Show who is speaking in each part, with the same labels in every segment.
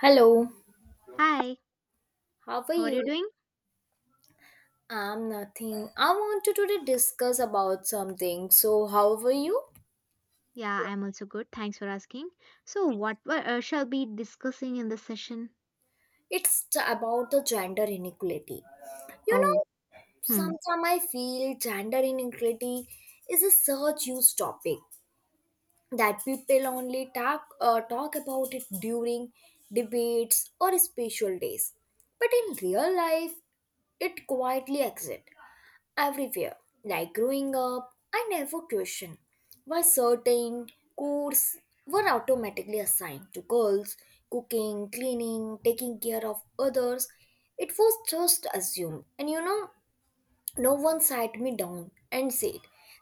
Speaker 1: Hello,
Speaker 2: Hi,
Speaker 1: how are
Speaker 2: how are you
Speaker 1: you?
Speaker 2: doing?
Speaker 1: I'm nothing. I want to today discuss about something. So, how are you?
Speaker 2: Yeah, I'm also good. Thanks for asking. So, shall be discussing in this session?
Speaker 1: It's about the gender inequality. You
Speaker 2: Oh,
Speaker 1: know,
Speaker 2: hmm.
Speaker 1: sometimes I feel gender inequality is a such huge topic that people only talk about it during debates or special days. But in real life, it quietly exists everywhere. Like growing up, I never questioned why certain chores were automatically assigned to girls, cooking, cleaning, taking care of others. It was just assumed. And you know, no one sat me down and said,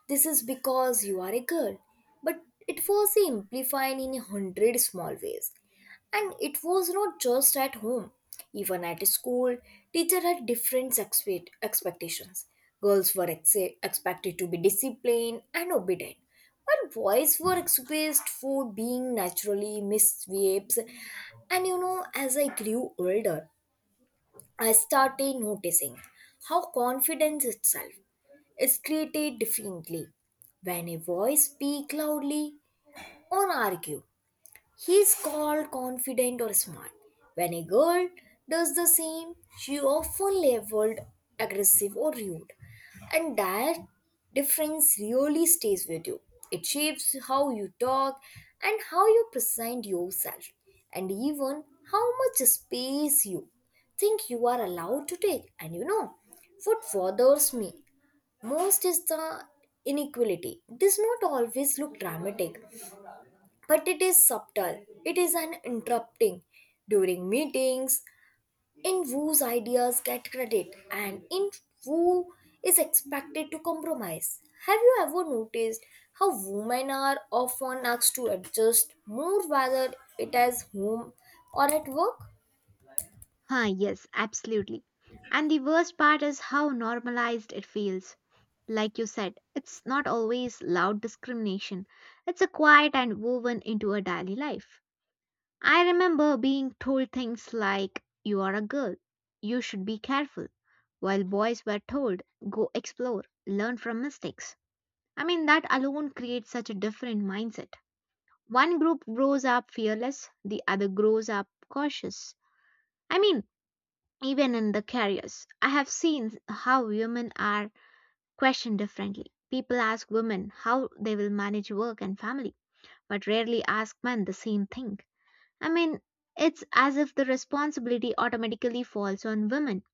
Speaker 1: this is because you are a girl. But it was amplified in a hundred small ways. And it was not just at home. Even at school, teacher had different expectations. Girls were expected to be disciplined and obedient, while boys were excused for being naturally misbehaved. And you know, as I grew older, I started noticing how confidence itself is created differently when a boy speaks loudly or argue he's called confident or smart. When a girl does the same, she often labeled aggressive or rude. And that difference really stays with you. It shapes how you talk and how you present yourself, and even how much space you think you are allowed to take. And you know, what bothers me most is the inequality. It does not always look dramatic but it is subtle. It is an interrupting during meetings in whose ideas get credit and in who is expected to compromise. Have you ever noticed how women are often asked to adjust more whether it is home or at work?
Speaker 2: Huh, yes, absolutely. And the worst part is how normalized it feels. Like you said, it's not always loud discrimination, it's a quiet and woven into a daily life. I remember being told things like, you are a girl, you should be careful, while boys were told, go explore, learn from mistakes. I mean, that alone creates such a different mindset. One group grows up fearless, the other grows up cautious. I mean, even in the careers, I have seen how women are questioned differently. People ask women how they will manage work and family, but rarely ask men the same thing. I mean, it's as if the responsibility automatically falls on women.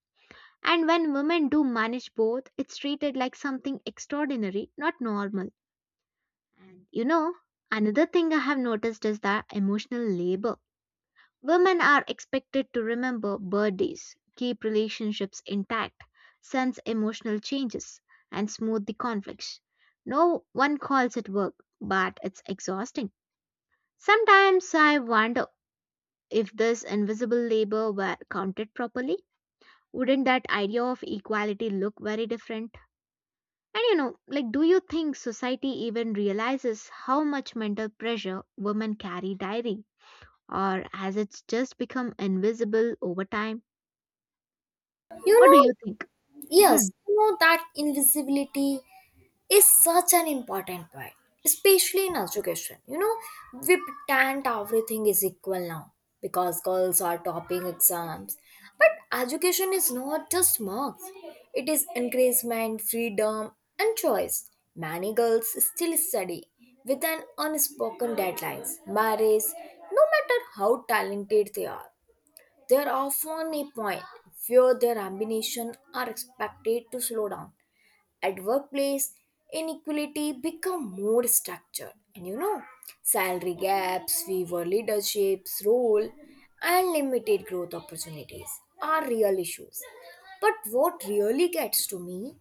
Speaker 2: And when women do manage both, it's treated like something extraordinary, not normal. You know, another thing I have noticed is that emotional labor. Women are expected to remember birthdays, keep relationships intact, sense emotional changes, and smooth the conflicts. No one calls it work, but it's exhausting. Sometimes I wonder if this invisible labor were counted properly. Wouldn't that idea of equality look very different? And do you think society even realizes how much mental pressure women carry daily? Or has it just become invisible over time?
Speaker 1: You
Speaker 2: What do you
Speaker 1: know,
Speaker 2: think? Hmm.
Speaker 1: yes, you know that invisibility is such an important point, especially in education. You know, we pretend everything is equal now because girls are topping exams. But education is not just marks, it is encouragement, freedom, and choice. Many girls still study with an unspoken deadlines, marriage, no matter how talented they are. There often a point where their ambitions are expected to slow down. At workplace, inequality become more structured. And you know, salary gaps, fewer leadership's role, and limited growth opportunities are real issues. But what really gets to me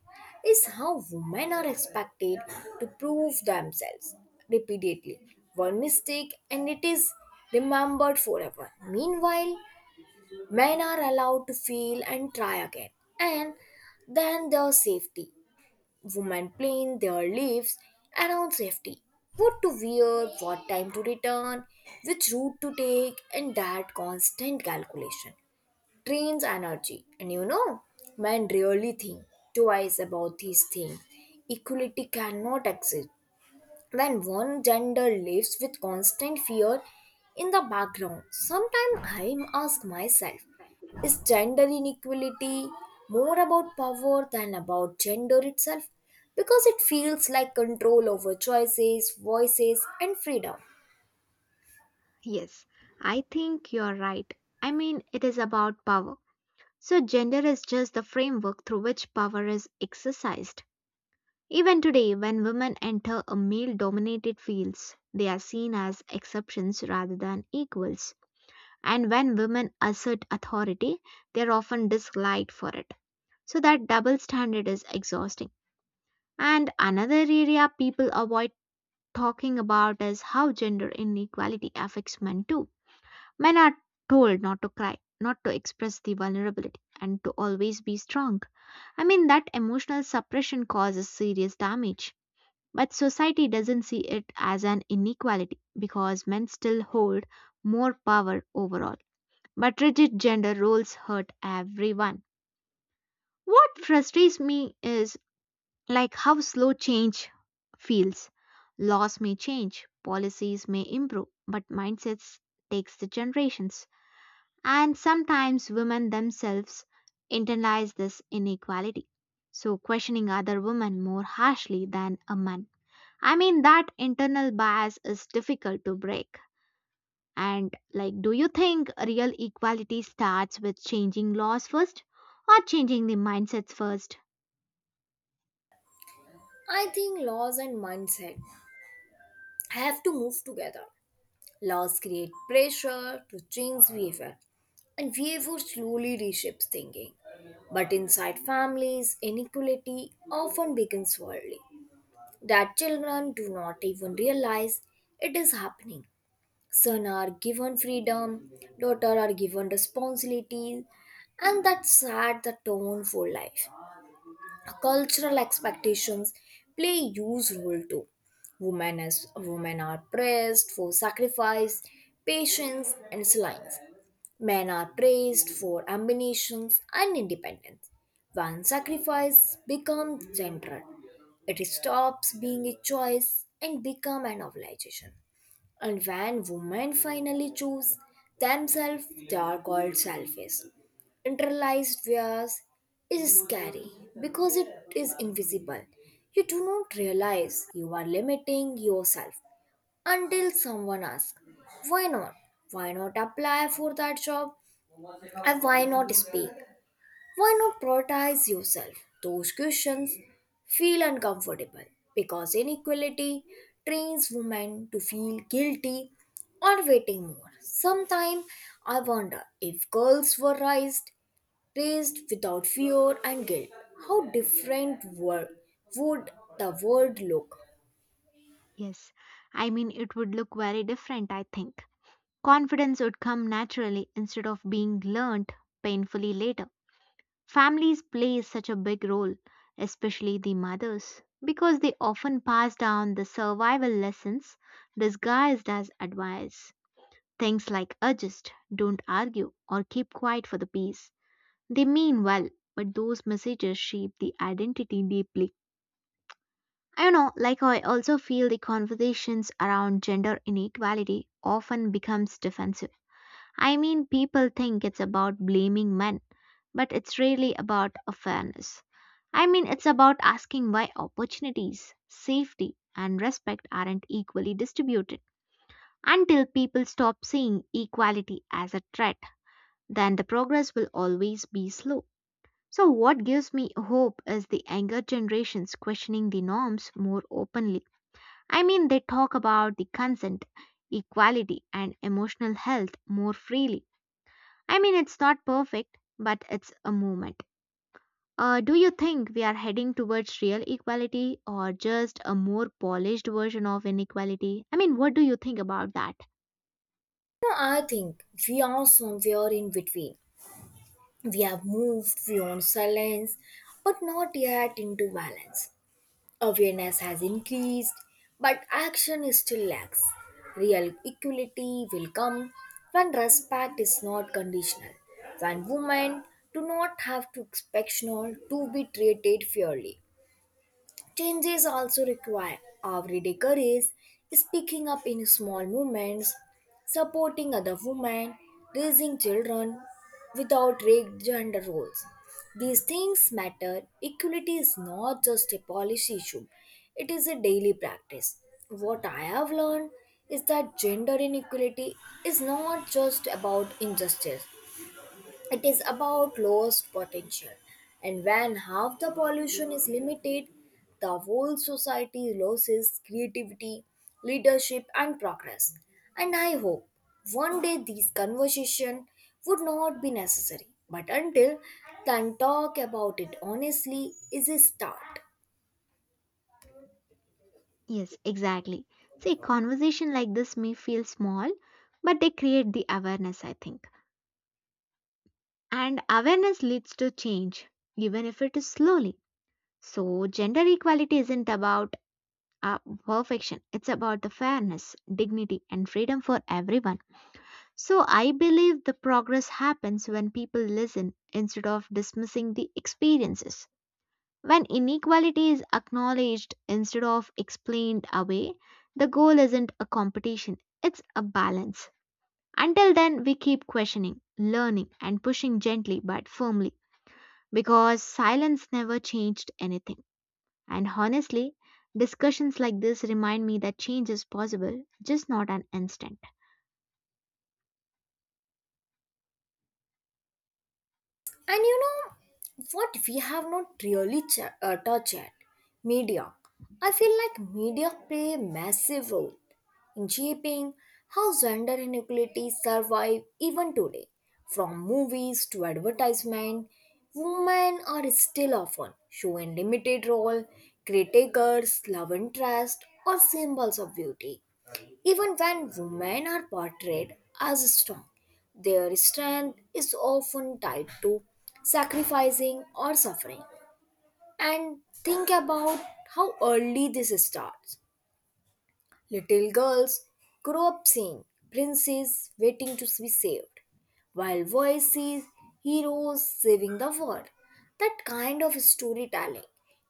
Speaker 1: is how women are expected to prove themselves repeatedly. One mistake and it is remembered forever. Meanwhile, men are allowed to fail and try again, and then there's safety. Women plan their lives around safety, what to wear, what time to return, which route to take, and that constant calculation drains energy. And you know, men really think twice about these things. Equality cannot exist when one gender lives with constant fear in the background. Sometimes I ask myself, is gender inequality more about power than about gender itself? Because it feels like control over choices, voices, and freedom.
Speaker 2: Yes, I think you're right. I mean, it is about power. So, gender is just the framework through which power is exercised. Even today, when women enter a male dominated fields, they are seen as exceptions rather than equals. And when women assert authority, they are often disliked for it. So that double standard is exhausting. And another area people avoid talking about is how gender inequality affects men too. Men are told not to cry, not to express the vulnerability, and to always be strong. I mean, that emotional suppression causes serious damage. But society doesn't see it as an inequality because men still hold more power overall. But rigid gender roles hurt everyone. What frustrates me is like how slow change feels. Laws may change, policies may improve, but mindsets takes the generations. And sometimes women themselves internalize this inequality, so questioning other women more harshly than a man. I mean that internal bias is difficult to break. And like, do you think real equality starts with changing laws first or changing the mindsets first?
Speaker 1: I think laws and mindset have to move together. Laws create pressure to change behavior, and behavior slowly reshapes thinking. But inside families, inequality often becomes worldly. That children do not even realize it is happening. Son are given freedom, daughter are given responsibility, and that set the tone for life. Cultural expectations play a huge role too. Women as women are praised for sacrifice, patience, and silence. Men are praised for ambitions and independence. When sacrifice becomes central, it stops being a choice and become an obligation. And when women finally choose themselves, they are called selfish. Internalized bias is scary because it is invisible. You do not realize you are limiting yourself until someone asks, why not? Why not apply for that job? And why not speak? Why not prioritize yourself? Those questions feel uncomfortable because inequality trains women to feel guilty or waiting more. Sometimes I wonder if girls were raised without fear and guilt, how different would the world look?
Speaker 2: Yes, I mean, it would look very different, I think. Confidence would come naturally instead of being learnt painfully later. Families play such a big role, especially the mothers, because they often pass down the survival lessons disguised as advice. Things like adjust, don't argue, or keep quiet for the peace. They mean well, but those messages shape the identity deeply. You know, like I also feel the conversations around gender inequality often becomes defensive. I mean, people think it's about blaming men, but it's really about a fairness. I mean, it's about asking why opportunities, safety, and respect aren't equally distributed. Until people stop seeing equality as a threat, then the progress will always be slow. So, what gives me hope is the younger generations questioning the norms more openly. I mean, they talk about the consent, equality, and emotional health more freely. I mean, it's not perfect, but it's a movement. Do you think we are heading towards real equality or just a more polished version of inequality? I mean, what do you think about that?
Speaker 1: You I think we are somewhere in between. We have moved beyond silence, but not yet into balance. Awareness has increased, but action is still lacks. Real equality will come when respect is not conditional, when women do not have to expect to be treated fairly. Changes also require everyday courage, speaking up in small moments, supporting other women, raising children without rigged gender roles. These things matter. Equality is not just a policy issue, it is a daily practice. What I have learned is that gender inequality is not just about injustice, it is about lost potential. And when half the pollution is limited, the whole society loses creativity, leadership, and progress. And I hope one day these conversations would not be necessary. But until then, talk about it honestly is a start.
Speaker 2: Yes, exactly. See, conversation like this may feel small, but they create the awareness, I think. And awareness leads to change, even if it is slowly. So, gender equality isn't about uh, perfection, it's about the fairness, dignity, and freedom for everyone. So, I believe the progress happens when people listen instead of dismissing the experiences. When inequality is acknowledged instead of explained away, the goal isn't a competition, it's a balance. Until then, we keep questioning, learning, and pushing gently but firmly because silence never changed anything. And honestly, discussions like this remind me that change is possible, just not an instant.
Speaker 1: And you know what we have not really touched yet? Media. I feel like media play a massive role in shaping how gender inequalities survive even today. From movies to advertisement, women are still often shown limited role, caretakers, love interest, or symbols of beauty. Even when women are portrayed as strong, their strength is often tied to sacrificing or suffering. And think about how early this starts. Little girls grow up seeing princes waiting to be saved, while boys see heroes saving the world. That kind of storytelling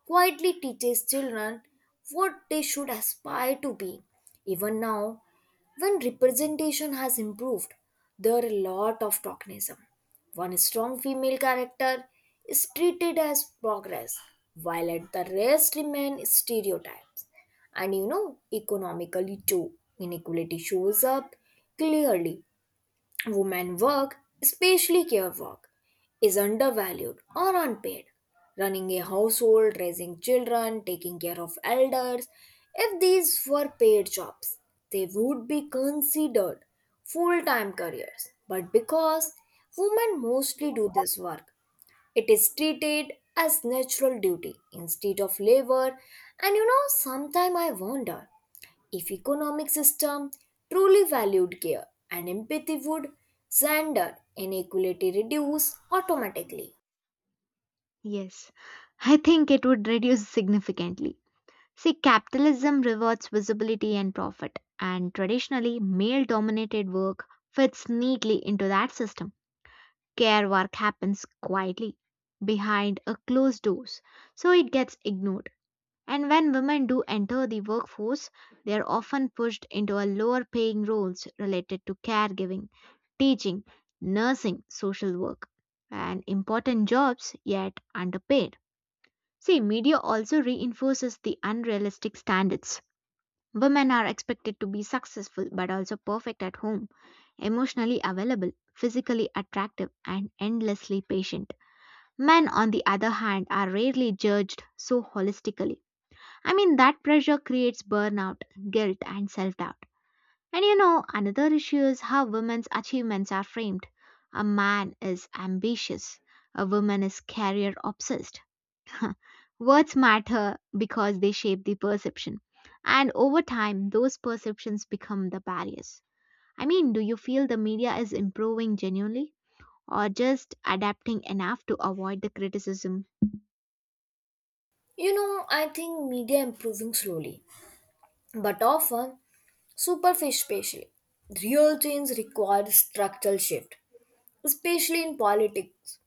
Speaker 1: quietly teaches children what they should aspire to be. Even now, when representation has improved, there are a lot of tokenism. One strong female character is treated as progress, while at the rest remain stereotypes. And you know, economically too, inequality shows up clearly. Women work, especially care work, is undervalued or unpaid. Running a household, raising children, taking care of elders, if these were paid jobs, they would be considered full-time careers. But because women mostly do this work, it is treated as natural duty instead of labor. And you know, sometimes I wonder if economic system truly valued care and empathy, would gender inequality reduce automatically?
Speaker 2: Yes, I think it would reduce significantly. See, capitalism rewards visibility and profit, and traditionally, male dominated work fits neatly into that system. Care work happens quietly, behind a closed doors, so it gets ignored. And when women do enter the workforce, they are often pushed into a lower paying roles related to caregiving, teaching, nursing, social work, and important jobs yet underpaid. See, media also reinforces the unrealistic standards. Women are expected to be successful but also perfect at home, emotionally available, physically attractive, and endlessly patient. Men, on the other hand, are rarely judged so holistically. I mean, that pressure creates burnout, guilt, and self doubt. And you know, another issue is how women's achievements are framed. A man is ambitious, a woman is career obsessed. Words matter because they shape the perception. And over time, those perceptions become the barriers. I mean, do you feel the media is improving genuinely or just adapting enough to avoid the criticism?
Speaker 1: You know, I think media improving slowly, but often superficially. Real change requires structural shift, especially in politics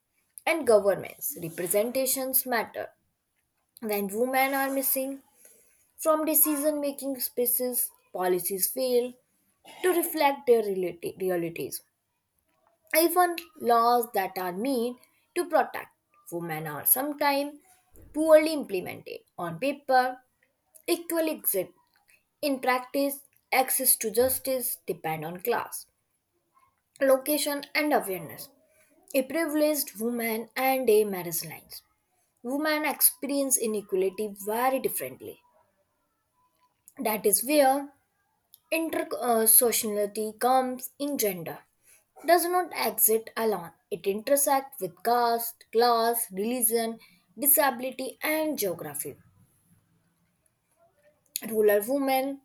Speaker 1: and governments. Representations matter. When women are missing from decision making spaces, policies fail to reflect their realities. Even laws that are meant to protect women are sometimes poorly implemented on paper, equal exit in practice. Access to justice depend on class, location, and awareness. A privileged woman and a marginalized woman experience inequality very differently. That is where intersectionality comes in. Gender does not exist alone. It intersects with caste, class, religion, disability, and geography. Rural women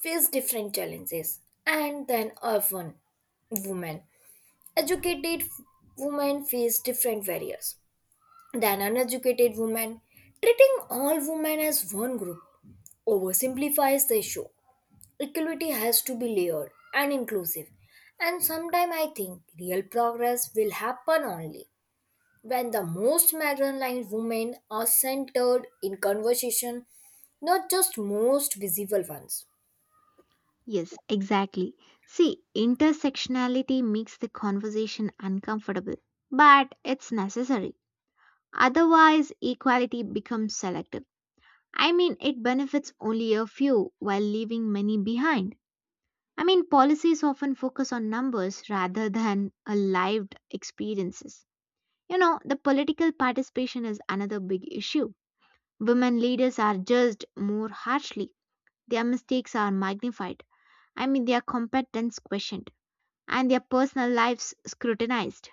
Speaker 1: face different challenges, and then urban women. Educated women face different barriers than uneducated women. Treating all women as one group oversimplifies the issue. Equality has to be layered and inclusive. And sometimes I think real progress will happen only when the most marginalized women are centered in conversation, not just most visible ones.
Speaker 2: Yes, exactly. See, intersectionality makes the conversation uncomfortable, but it's necessary. Otherwise, equality becomes selective. I mean, it benefits only a few while leaving many behind. I mean, policies often focus on numbers rather than a lived experiences. You know, the political participation is another big issue. Women leaders are judged more harshly, their mistakes are magnified. I mean, their competence questioned and their personal lives scrutinized.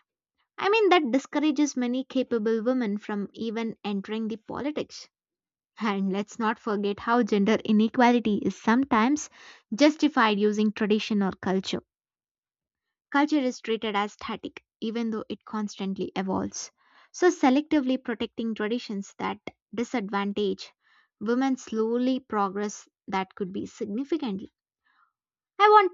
Speaker 2: I mean, that discourages many capable women from even entering the politics. And let's not forget how gender inequality is sometimes justified using tradition or culture. Culture is treated as static, even though it constantly evolves. So, selectively protecting traditions that disadvantage women slowly progress that could be significantly. I want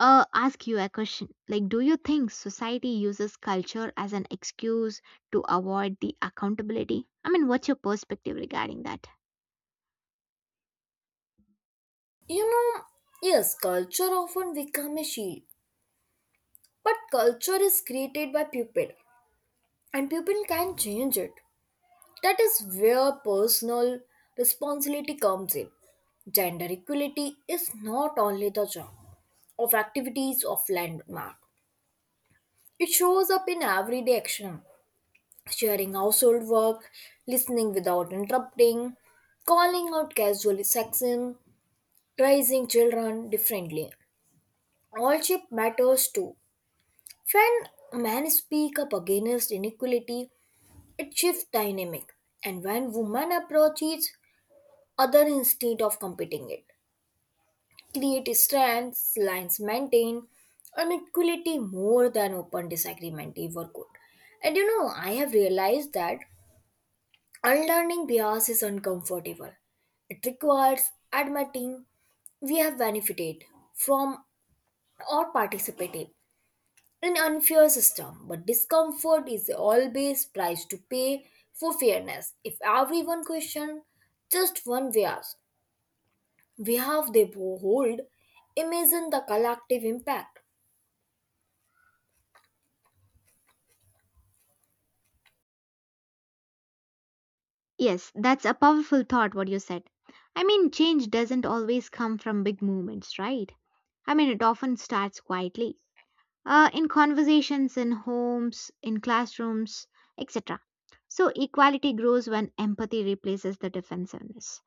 Speaker 2: ask you a question. Like do you think society uses culture as an excuse to avoid the accountability? I mean, what's your perspective regarding that?
Speaker 1: You know, yes, culture often become a shield, but culture is created by people, and people can change it. That is where personal responsibility comes in. Gender equality is not only the job of activities of landmark. It shows up in everyday action, sharing household work, listening without interrupting, calling out casual sexism, raising children differently. All-ship matters too. When men speak up against inequality, it shifts dynamic, and when women approach it, other instead of competing it, create strengths, lines maintain, and equality more than open disagreement ever could. And you know, I have realized that unlearning bias is uncomfortable. It requires admitting we have benefited from or participated in unfair system, but discomfort is always price to pay for fairness. If everyone question just one bias, we have the hold, imagine the collective impact.
Speaker 2: Yes, that's a powerful thought what you said. I mean, change doesn't always come from big movements, right? I mean, it often starts quietly. In conversations in homes, in classrooms, etc. So, equality grows when empathy replaces the defensiveness.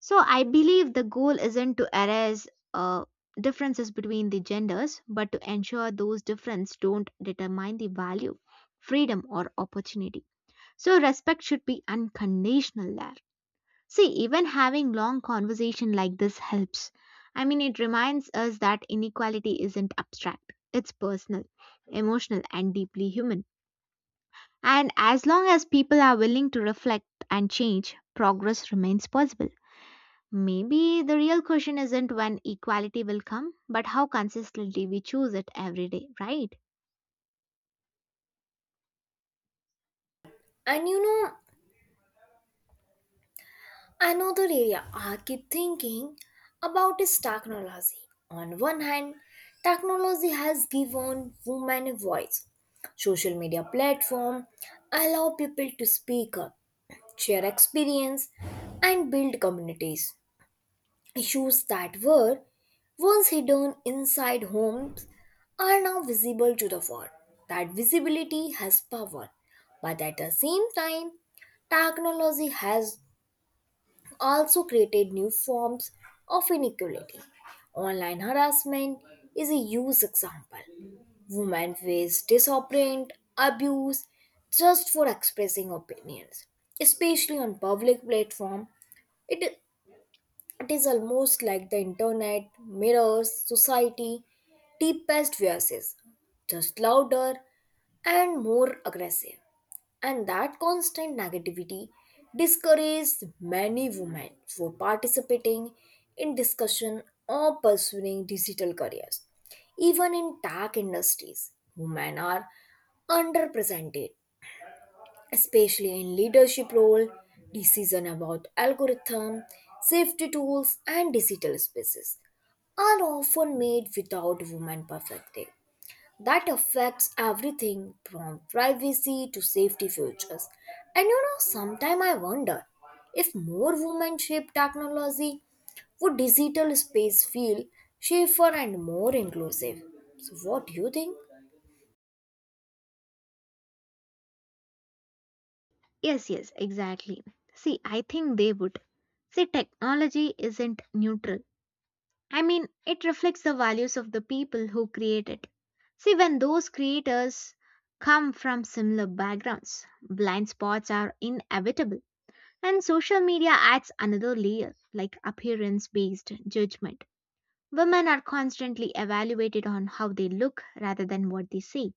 Speaker 2: So I believe the goal isn't to erase uh, differences between the genders, but to ensure those differences don't determine the value, freedom, or opportunity. So respect should be unconditional there. See, even having long conversation like this helps. I mean, it reminds us that inequality isn't abstract. It's personal, emotional, and deeply human. And as long as people are willing to reflect and change, progress remains possible. Maybe the real question isn't when equality will come, but how consistently we choose it every day, right?
Speaker 1: And you know, another area I keep thinking about is technology. On one hand, technology has given women a voice. Social media platform allow people to speak up, share experience, and build communities. Issues that were once hidden inside homes are now visible to the world. That visibility has power, but at the same time, technology has also created new forms of inequality. Online harassment is a huge example. Women face disappointment, abuse just for expressing opinions, especially on public platform. It, it is almost like the internet mirrors society deepest voices, just louder and more aggressive. And that constant negativity discourages many women for participating in discussion or pursuing digital careers. Even in tech industries, women are underrepresented, especially in leadership role. Decision about algorithm, safety tools and digital spaces are often made without women perspective. That affects everything from privacy to safety features. And you know, sometimes I wonder if more women shape technology, would digital space feel safer and more inclusive? So, what do you think?
Speaker 2: Yes, yes, exactly. See, I think they would. See, technology isn't neutral. I mean, it reflects the values of the people who create it. See, when those creators come from similar backgrounds, blind spots are inevitable. And social media adds another layer, like appearance based judgment. Women are constantly evaluated on how they look rather than what they say.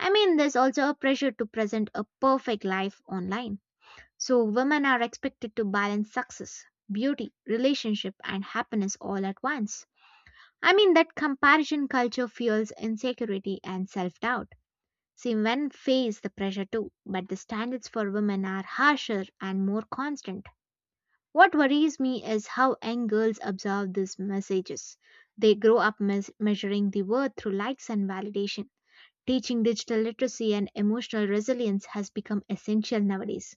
Speaker 2: I mean, there's also a pressure to present a perfect life online. So, women are expected to balance success, beauty, relationship, and happiness all at once. I mean, that comparison culture fuels insecurity and self doubt. See, men face the pressure too, but the standards for women are harsher and more constant. What worries me is how young girls absorb these messages. They grow up measuring the worth through likes and validation. Teaching digital literacy and emotional resilience has become essential nowadays.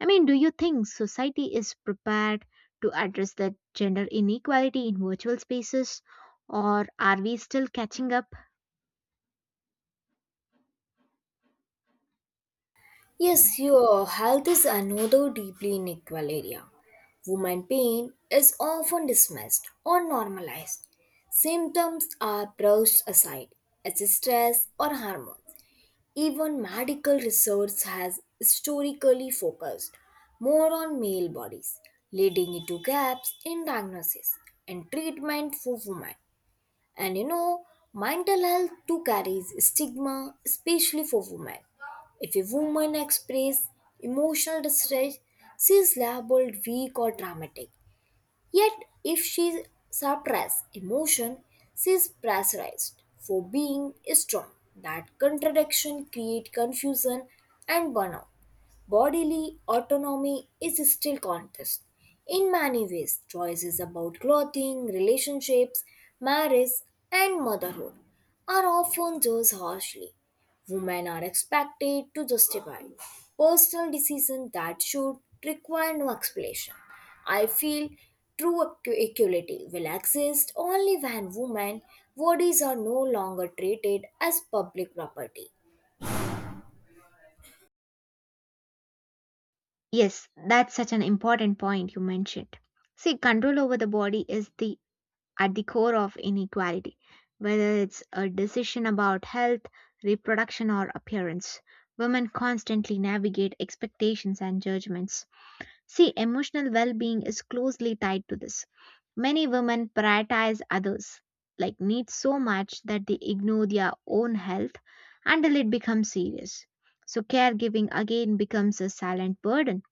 Speaker 2: I mean, do you think society is prepared to address the gender inequality in virtual spaces, or are we still catching up?
Speaker 1: Yes, your health is another deeply unequal area. Woman pain is often dismissed or normalized. Symptoms are brushed aside as stress or hormones. Even medical research has historically focused more on male bodies, leading it to gaps in diagnosis and treatment for women. And you know, mental health too carries stigma, especially for women. If a woman expresses emotional distress, she is labeled weak or dramatic. Yet, if she suppresses emotion, she is pressurized for being strong. That contradiction creates confusion and burnout. Bodily autonomy is still contest. In many ways, choices about clothing, relationships, marriage, and motherhood are often judged harshly. Women are expected to justify personal decisions that should require no explanation. I feel true equality will exist only when women bodies are no longer treated as public property.
Speaker 2: Yes, that's such an important point you mentioned. See, control over the body is the at the core of inequality, whether it's a decision about health, reproduction, or appearance. Women constantly navigate expectations and judgments. See, emotional well being is closely tied to this. Many women prioritize others, like needs so much that they ignore their own health until it becomes serious. So, caregiving again becomes a silent burden.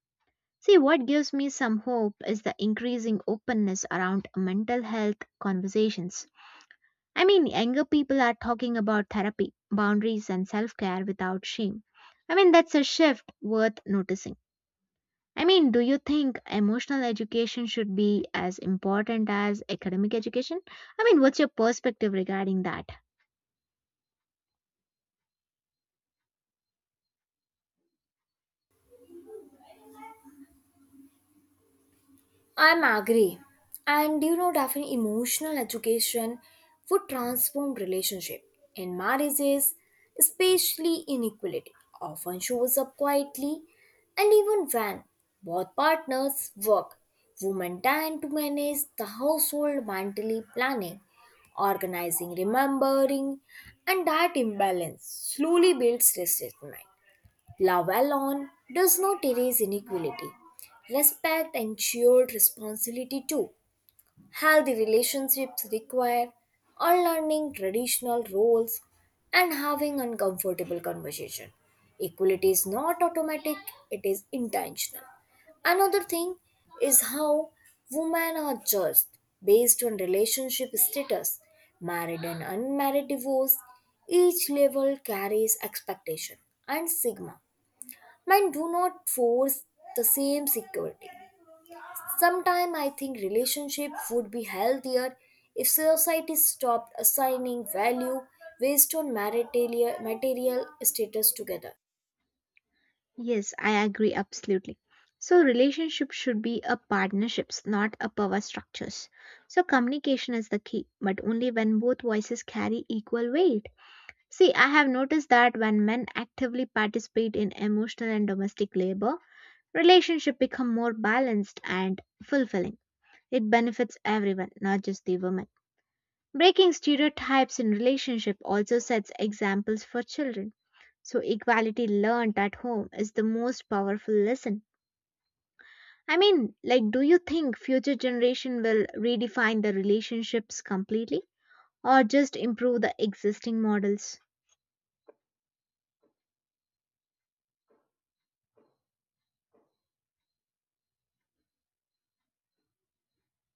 Speaker 2: See, what gives me some hope is the increasing openness around mental health conversations. I mean, younger people are talking about therapy, boundaries, and self care without shame. I mean, that's a shift worth noticing. I mean, do you think emotional education should be as important as academic education? I mean, what's your perspective regarding that?
Speaker 1: I'm agree. And you know, Daphne, emotional education would transform relationship. In marriages, especially inequality often shows up quietly, and even when both partners work, women tend to manage the household mentally planning, organizing, remembering, and that imbalance slowly builds resentment. Love alone does not erase inequality. Respect and shared responsibility too. Healthy relationships require unlearning traditional roles and having uncomfortable conversation. Equality is not automatic, it is intentional. Another thing is how women are judged based on relationship status. Married and unmarried divorce, each level carries expectation and stigma and do not force the same security. Sometimes I think relationship would be healthier if society stopped assigning value based on material status together.
Speaker 2: Yes, I agree absolutely. So relationships should be a partnerships, not a power structures. So communication is the key, but only when both voices carry equal weight. See, I have noticed that when men actively participate in emotional and domestic labor, relationship become more balanced and fulfilling. It benefits everyone, not just the women. Breaking stereotypes in relationship also sets examples for children. So equality learned at home is the most powerful lesson. I mean, like, do you think future generation will redefine the relationships completely or just improve the existing models?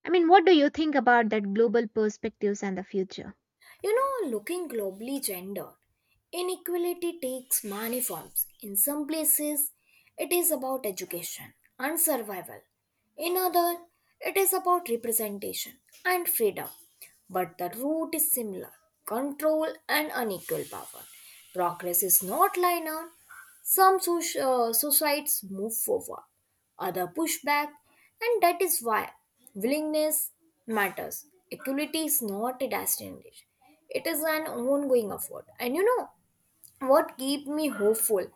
Speaker 2: I mean, what do you think about that global perspectives and the future?
Speaker 1: You know, looking globally, gender inequality takes many forms. In some places, it is about education and survival. In other, it is about representation and freedom. But the root is similar, control and unequal power. Progress is not linear, some societies move forward, other push back, and that is why willingness matters. Equality is not a destination; it is an ongoing effort. And you know what keeps me hopeful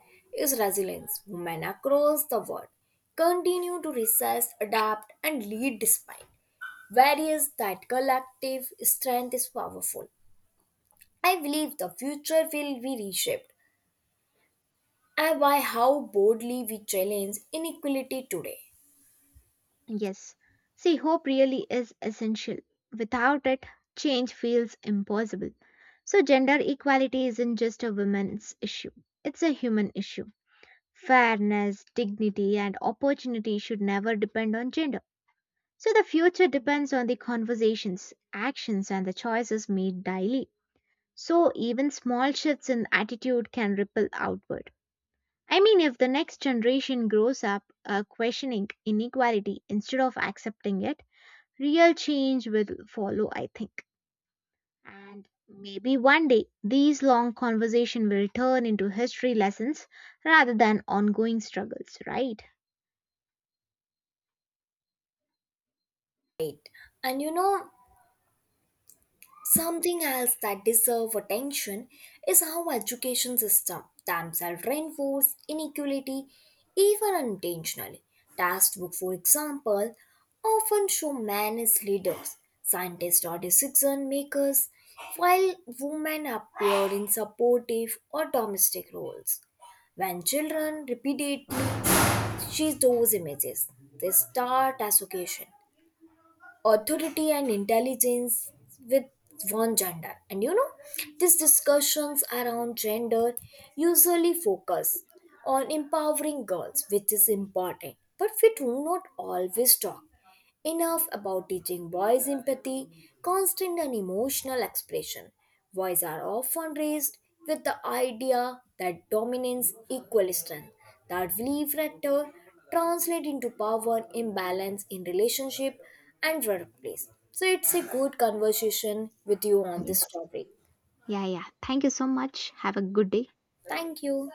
Speaker 1: is resilience. Women across the world continue to resist, adapt, and lead despite various that collective strength is powerful. I believe the future will be reshaped and by how boldly we challenge inequality today.
Speaker 2: Yes. See, hope really is essential. Without it, change feels impossible. So, gender equality isn't just a women's issue, it's a human issue. Fairness, dignity, and opportunity should never depend on gender. So the future depends on the conversations, actions, and the choices made daily. So even small shifts in attitude can ripple outward. I mean, if the next generation grows up questioning inequality instead of accepting it, real change will follow, I think. And maybe one day these long conversations will turn into history lessons rather than ongoing struggles, right?
Speaker 1: And you know, something else that deserves attention is how education system themselves reinforce inequality even unintentionally. Textbook, for example, often show men as leaders, scientists or decision makers, while women appear in supportive or domestic roles. When children repeated she's those images. They start association, authority and intelligence with one gender. And you know, these discussions around gender usually focus on empowering girls, which is important. But we do not always talk enough about teaching boys empathy, constant and emotional expression. Boys are often raised with the idea that dominance equals strength. That belief factor translates into power and imbalance in relationship and workplace. So it's a good conversation with you on this
Speaker 2: Yes.
Speaker 1: topic.
Speaker 2: Yeah, yeah, thank you so much. Have a good day.
Speaker 1: Thank you.